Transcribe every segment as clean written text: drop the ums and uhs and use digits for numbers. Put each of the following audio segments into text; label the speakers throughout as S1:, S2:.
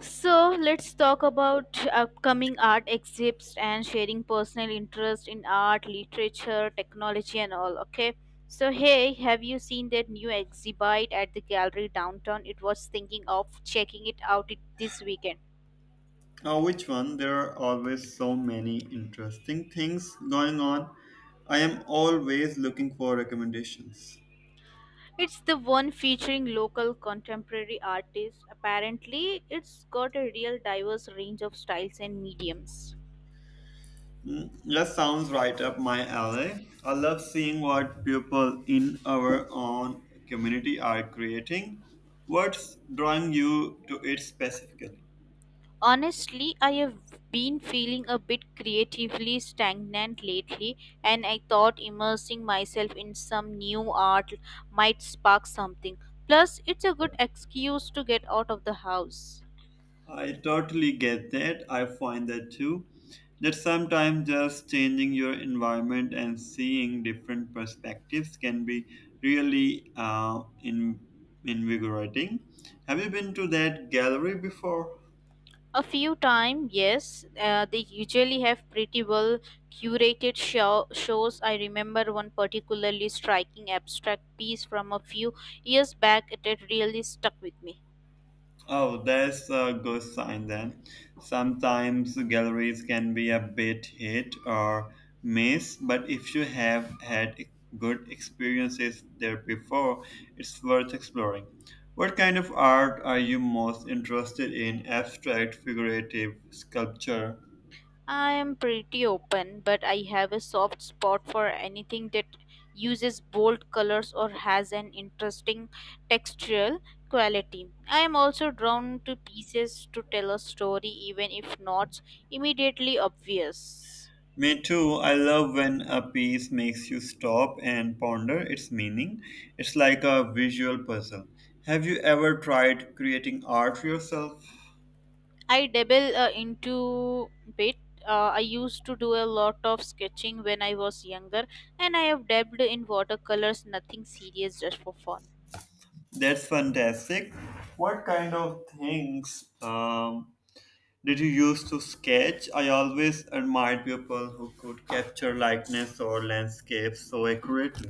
S1: So let's talk about upcoming art exhibits and sharing personal interest in art, literature, technology, and all. Okay. So hey, have you seen that new exhibit at the gallery downtown? It was thinking of checking it out this weekend.
S2: Now, which one? There are always so many interesting things going on. I am always looking for recommendations.
S1: It's the one featuring local contemporary artists. Apparently, it's got a real diverse range of styles and mediums.
S2: Mm, that sounds right up my alley. I love seeing what people in our own community are creating. What's drawing you to it specifically?
S1: Honestly, I have been feeling a bit creatively stagnant lately, and I thought immersing myself in some new art might spark something. Plus, it's a good excuse to get out of the house.
S2: I totally get that. I find that too. That sometimes just changing your environment and seeing different perspectives can be really invigorating. Have you been to that gallery before?
S1: A few times, yes, they usually have pretty well curated shows. I remember one particularly striking abstract piece from a few years back that really stuck with me.
S2: Oh, that's a good sign then. Sometimes galleries can be a bit hit or miss, but if you have had good experiences there before, it's worth exploring. What kind of art are you most interested in? Abstract, figurative, sculpture?
S1: I am pretty open, but I have a soft spot for anything that uses bold colors or has an interesting textural quality. I am also drawn to pieces to tell a story, even if not immediately obvious.
S2: Me too. I love when a piece makes you stop and ponder its meaning. It's like a visual puzzle. Have you ever tried creating art yourself?
S1: I dabble into bit. I used to do a lot of sketching when I was younger, and I have dabbled in watercolors, nothing serious, just for fun.
S2: That's fantastic. What kind of things did you use to sketch? I always admired people who could capture likeness or landscapes so accurately.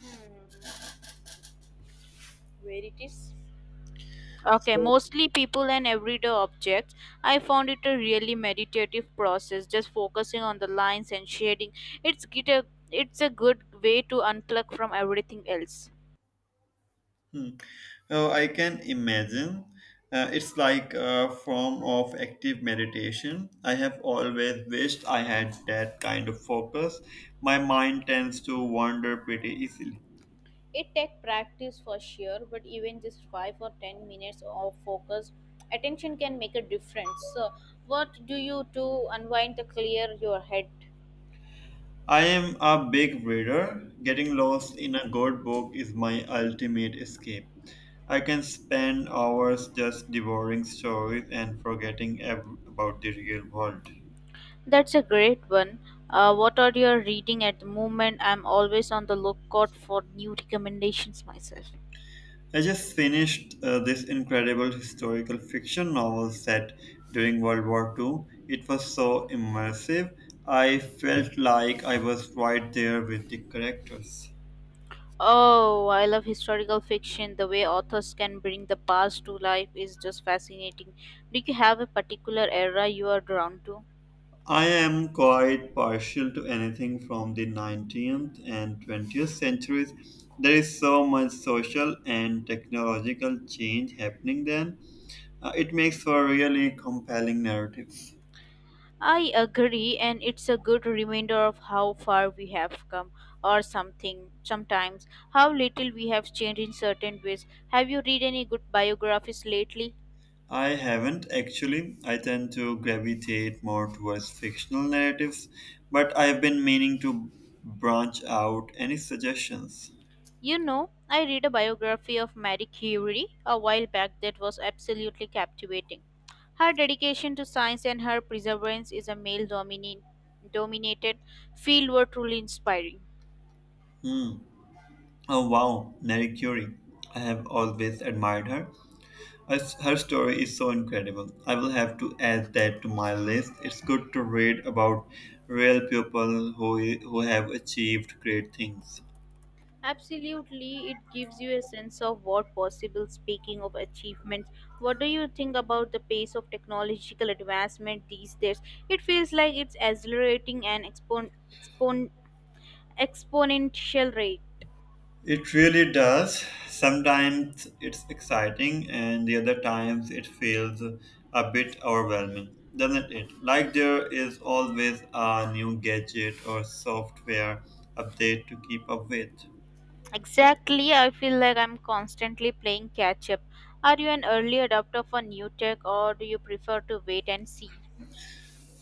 S1: Hmm. Where it is? Okay,
S2: So,
S1: mostly people and everyday objects. I found it a really meditative process, just focusing on the lines and shading. It's get a, it's a good way to unplug from everything else.
S2: hmm, so I can imagine it's like a form of active meditation. I have always wished I had that kind of focus. My mind tends to wander pretty easily.
S1: It takes practice for sure, but even just 5 or 10 minutes of focus attention can make a difference. So, what do you do unwind to clear your head?
S2: I am a big reader. Getting lost in a good book is my ultimate escape. I can spend hours just devouring stories and forgetting about the real world.
S1: That's a great one. What are you reading at the moment? I'm always on the lookout for new recommendations myself.
S2: I just finished this incredible historical fiction novel set during World War II. It was so immersive. I felt like I was right there with the characters.
S1: Oh, I love historical fiction. The way authors can bring the past to life is just fascinating. Do you have a particular era you are drawn to?
S2: I am quite partial to anything from the 19th and 20th centuries. There is so much social and technological change happening then. It makes for really compelling narratives.
S1: I agree, and it's a good reminder of how far we have come, or something, sometimes, how little we have changed in certain ways. Have you read any good biographies lately?
S2: I haven't actually. I tend to gravitate more towards fictional narratives, but I've been meaning to branch out. Any suggestions?
S1: You know, I read a biography of Marie Curie a while back that was absolutely captivating. Her dedication to science and her perseverance is a dominated field were truly inspiring.
S2: Hmm. Oh wow, Marie Curie. I have always admired her. Her story is so incredible. I will have to add that to my list. It's good to read about real people who have achieved great things.
S1: Absolutely, it gives you a sense of what possible. Speaking of achievements, what do you think about the pace of technological advancement these days? It feels like it's accelerating an expon- exponential rate.
S2: It really does. Sometimes it's exciting, and the other times it feels a bit overwhelming, doesn't it? Like there is always a new gadget or software update to keep up with.
S1: Exactly, I feel like I'm constantly playing catch up. Are you an early adopter for new tech or do you prefer to wait and see?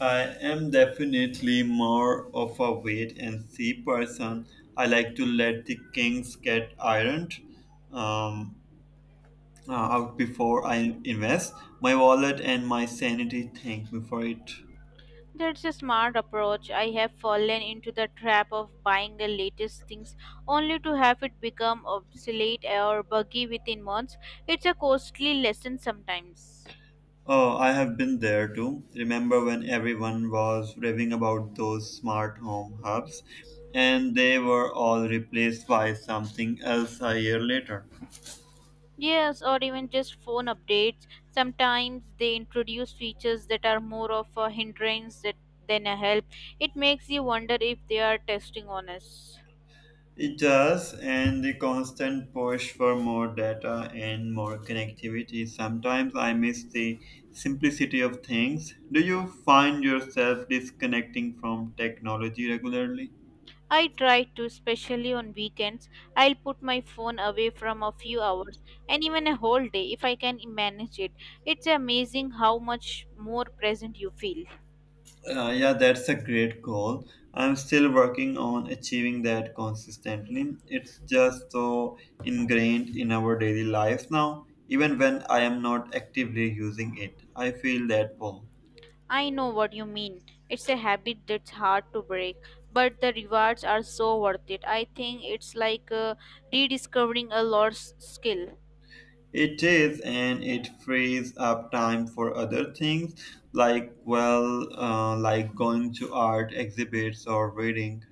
S2: I am definitely more of a wait and see person. I like to let the kings get ironed um, out before I invest. My wallet and my sanity thank me for it.
S1: That's a smart approach. I have fallen into the trap of buying the latest things only to have it become obsolete or buggy within months. It's a costly lesson sometimes.
S2: Oh, I have been there too. Remember when everyone was raving about those smart home hubs and they were all replaced by something else a year later?
S1: Yes, or even just phone updates. Sometimes they introduce features that are more of a than a help. It makes you wonder if they are testing on us.
S2: It does, and the constant push for more data and more connectivity. Sometimes I miss the simplicity of things. Do you find yourself disconnecting from technology regularly?
S1: I try to, especially on weekends. I'll put my phone away from a few hours and even a whole day if I can manage it. It's amazing how much more present you feel.
S2: Yeah, that's a great goal. I'm still working on achieving that consistently. It's just so ingrained in our daily lives now. Even when I am not actively using it, I feel that pull.
S1: I know what you mean. It's a habit that's hard to break, but the rewards are so worth it. I think it's like rediscovering a lost skill.
S2: It is, and it frees up time for other things like, well, like going to art exhibits or reading.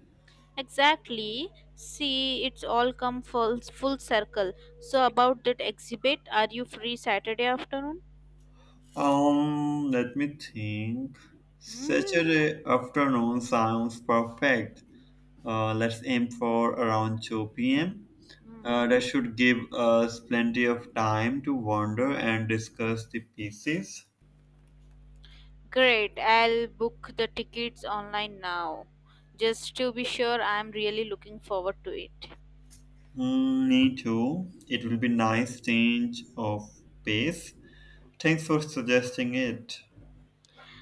S1: Exactly. See, it's all come full circle. So about that exhibit, are you free Saturday afternoon?
S2: Let me think.
S1: Mm.
S2: Saturday afternoon sounds perfect. Let's aim for around 2 p.m.
S1: Mm.
S2: That should give us plenty of time to wander and discuss the pieces.
S1: Great, I'll book the tickets online now. Just to be sure, I'm really looking forward to it.
S2: Mm, me too. It will be nice change of pace. Thanks for suggesting it.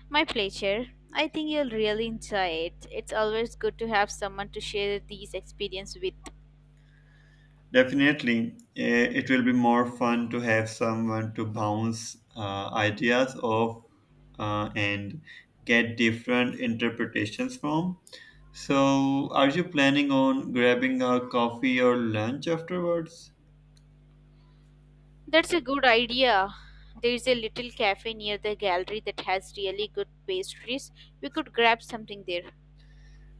S1: My pleasure. I think you'll really enjoy it. It's always good to have someone to share these experiences with.
S2: Definitely, eh, it will be more fun to have someone to bounce ideas off and get different interpretations from. So, are you planning on grabbing a coffee or lunch afterwards?
S1: That's a good idea. There's a little cafe near the gallery that has really good pastries. We could grab something there.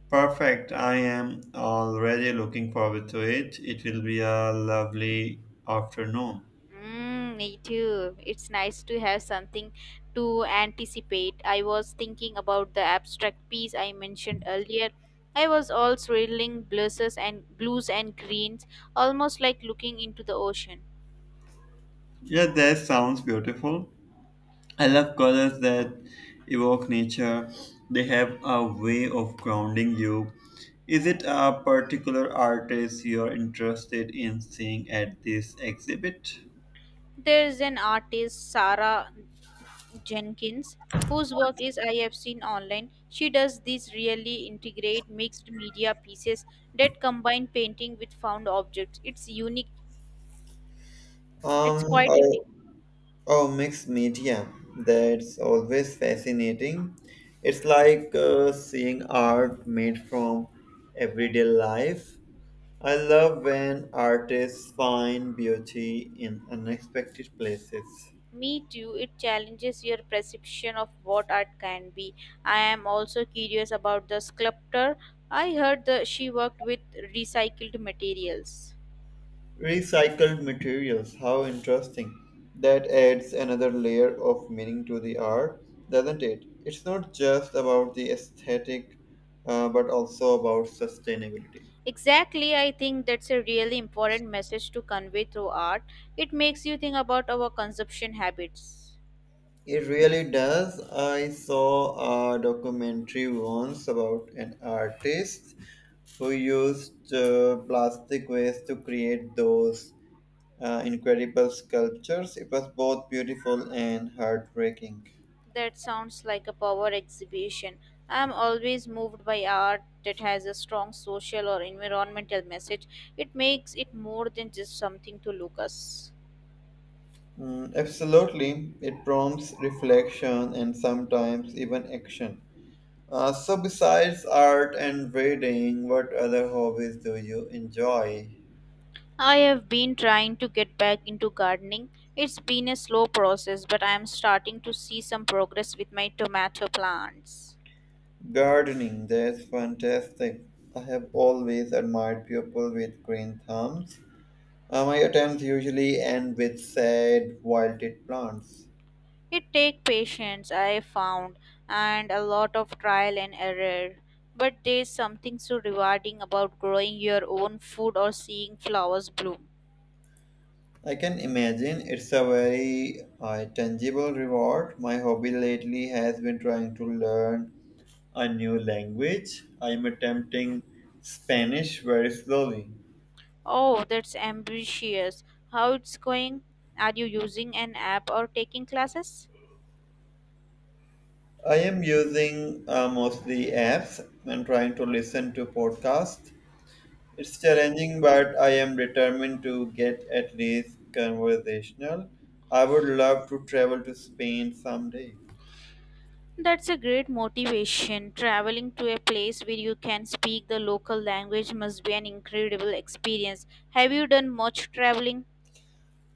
S2: Perfect. I am already looking forward to it. It will be a lovely afternoon.
S1: Mm, me too. It's nice to have something to anticipate. I was thinking about the abstract piece I mentioned earlier. I was all swirling blues and blues and greens, almost like looking into the ocean.
S2: Yeah, that sounds beautiful. I love colors that evoke nature. They have a way of grounding you. Is it a particular artist you're interested in seeing at this exhibit?
S1: There's an artist, Sarah Jenkins, whose work is I have seen online. She does these really integrate mixed media pieces that combine painting with found objects. It's unique. It's
S2: Um,
S1: quite unique.
S2: oh, oh, mixed media. That's always fascinating. It's like seeing art made from everyday life. I love when artists find beauty in unexpected places.
S1: Me too, it challenges your perception of what art can be. I am also curious about the sculptor. I heard that she worked with recycled materials.
S2: Recycled materials, how interesting. That adds another layer of meaning to the art, doesn't it? It's not just about the aesthetic, but also about sustainability.
S1: Exactly, I think that's a really important message to convey through art. It makes you think about our consumption habits.
S2: It really does. I saw a documentary once about an artist who used plastic waste to create those incredible sculptures. It was both beautiful and heartbreaking.
S1: That sounds like a power exhibition. I am always moved by art that has a strong social or environmental message. It makes it more than just something to look us.
S2: Mm, absolutely, it prompts reflection and sometimes even action. So, besides art and reading, what other hobbies do you enjoy?
S1: I have been trying to get back into gardening. It's been a slow process, but I am starting to see some progress with my tomato plants.
S2: Gardening, that's fantastic. I have always admired people with green thumbs. My attempts usually end with sad, wilted plants.
S1: It takes patience, I found, and a lot of trial and error. But there's something so rewarding about growing your own food or seeing flowers bloom.
S2: I can imagine it's a very tangible reward. My hobby lately has been trying to learn a new language. I am attempting Spanish very slowly.
S1: Oh, that's ambitious. How it's going? Are you using an app or taking classes?
S2: I am using mostly apps and trying to listen to podcasts. It's
S1: Hmm.
S2: challenging, but I am determined to get at least conversational. I would love to travel to Spain someday.
S1: That's a great motivation. Traveling to a place where you can speak the local language must be an incredible experience. Have you done much traveling?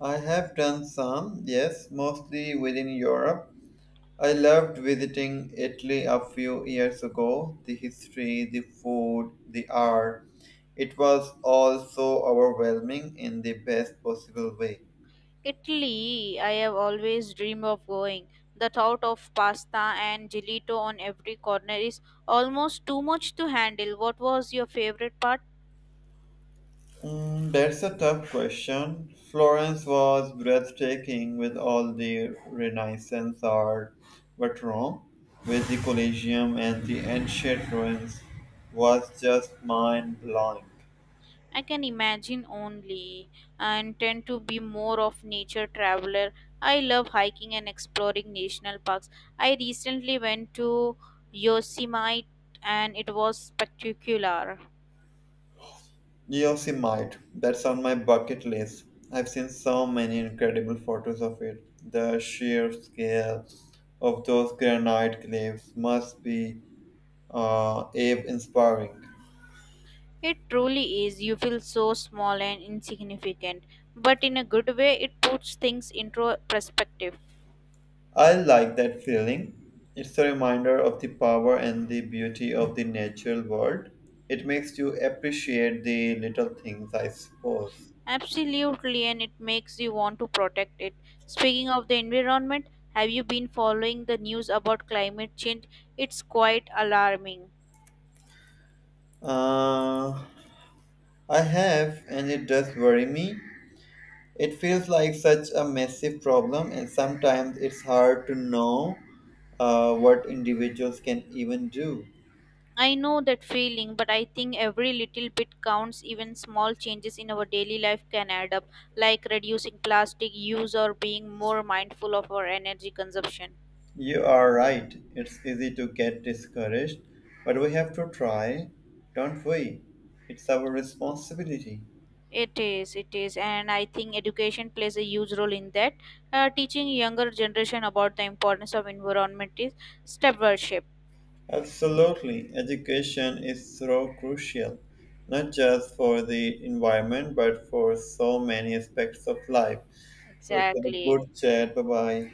S2: I have done some, yes, mostly within Europe. I loved visiting Italy a few years ago. The history, the food, the art. It was all so overwhelming in the best possible way.
S1: Italy, I have always dreamed of going. The thought of pasta and gelato on every corner is almost too much to handle. What was your favorite part?
S2: Mm, that's a tough question. Florence was breathtaking with all the Renaissance art, but Rome, with the Colosseum and the ancient ruins, was just mind blowing.
S1: I can imagine only and tend to be more of nature traveler. I love hiking and exploring national parks. I recently went to Yosemite and it was spectacular.
S2: Yosemite, that's on my bucket list. I've seen so many incredible photos of it. The sheer scale of those granite cliffs must be uh, awe-inspiring.
S1: It truly is. You feel so small and insignificant, but in a good way it puts things into perspective.
S2: I like that feeling. It's a reminder of the power and the beauty of the natural world. It makes you appreciate the little things, I suppose.
S1: Absolutely, and it makes you want to protect it. Speaking of the environment, have you been following the news about climate change? It's quite alarming.
S2: Uh, I have, and it does worry me. It feels like such a massive problem, and sometimes it's hard to know what individuals can even do.
S1: I know that feeling, but I think every little bit counts. Even small changes in our daily life can add up, like reducing plastic use or being more mindful of our energy consumption.
S2: You are right, it's easy to get discouraged, but we have to try, don't we? It's our responsibility.
S1: It is, and I think education plays a huge role in that. Teaching younger generation about the importance of environment is step by step
S2: Absolutely, education is so crucial, not just for the environment, but for so many aspects of life. So it's a
S1: exactly
S2: good chat. Bye bye.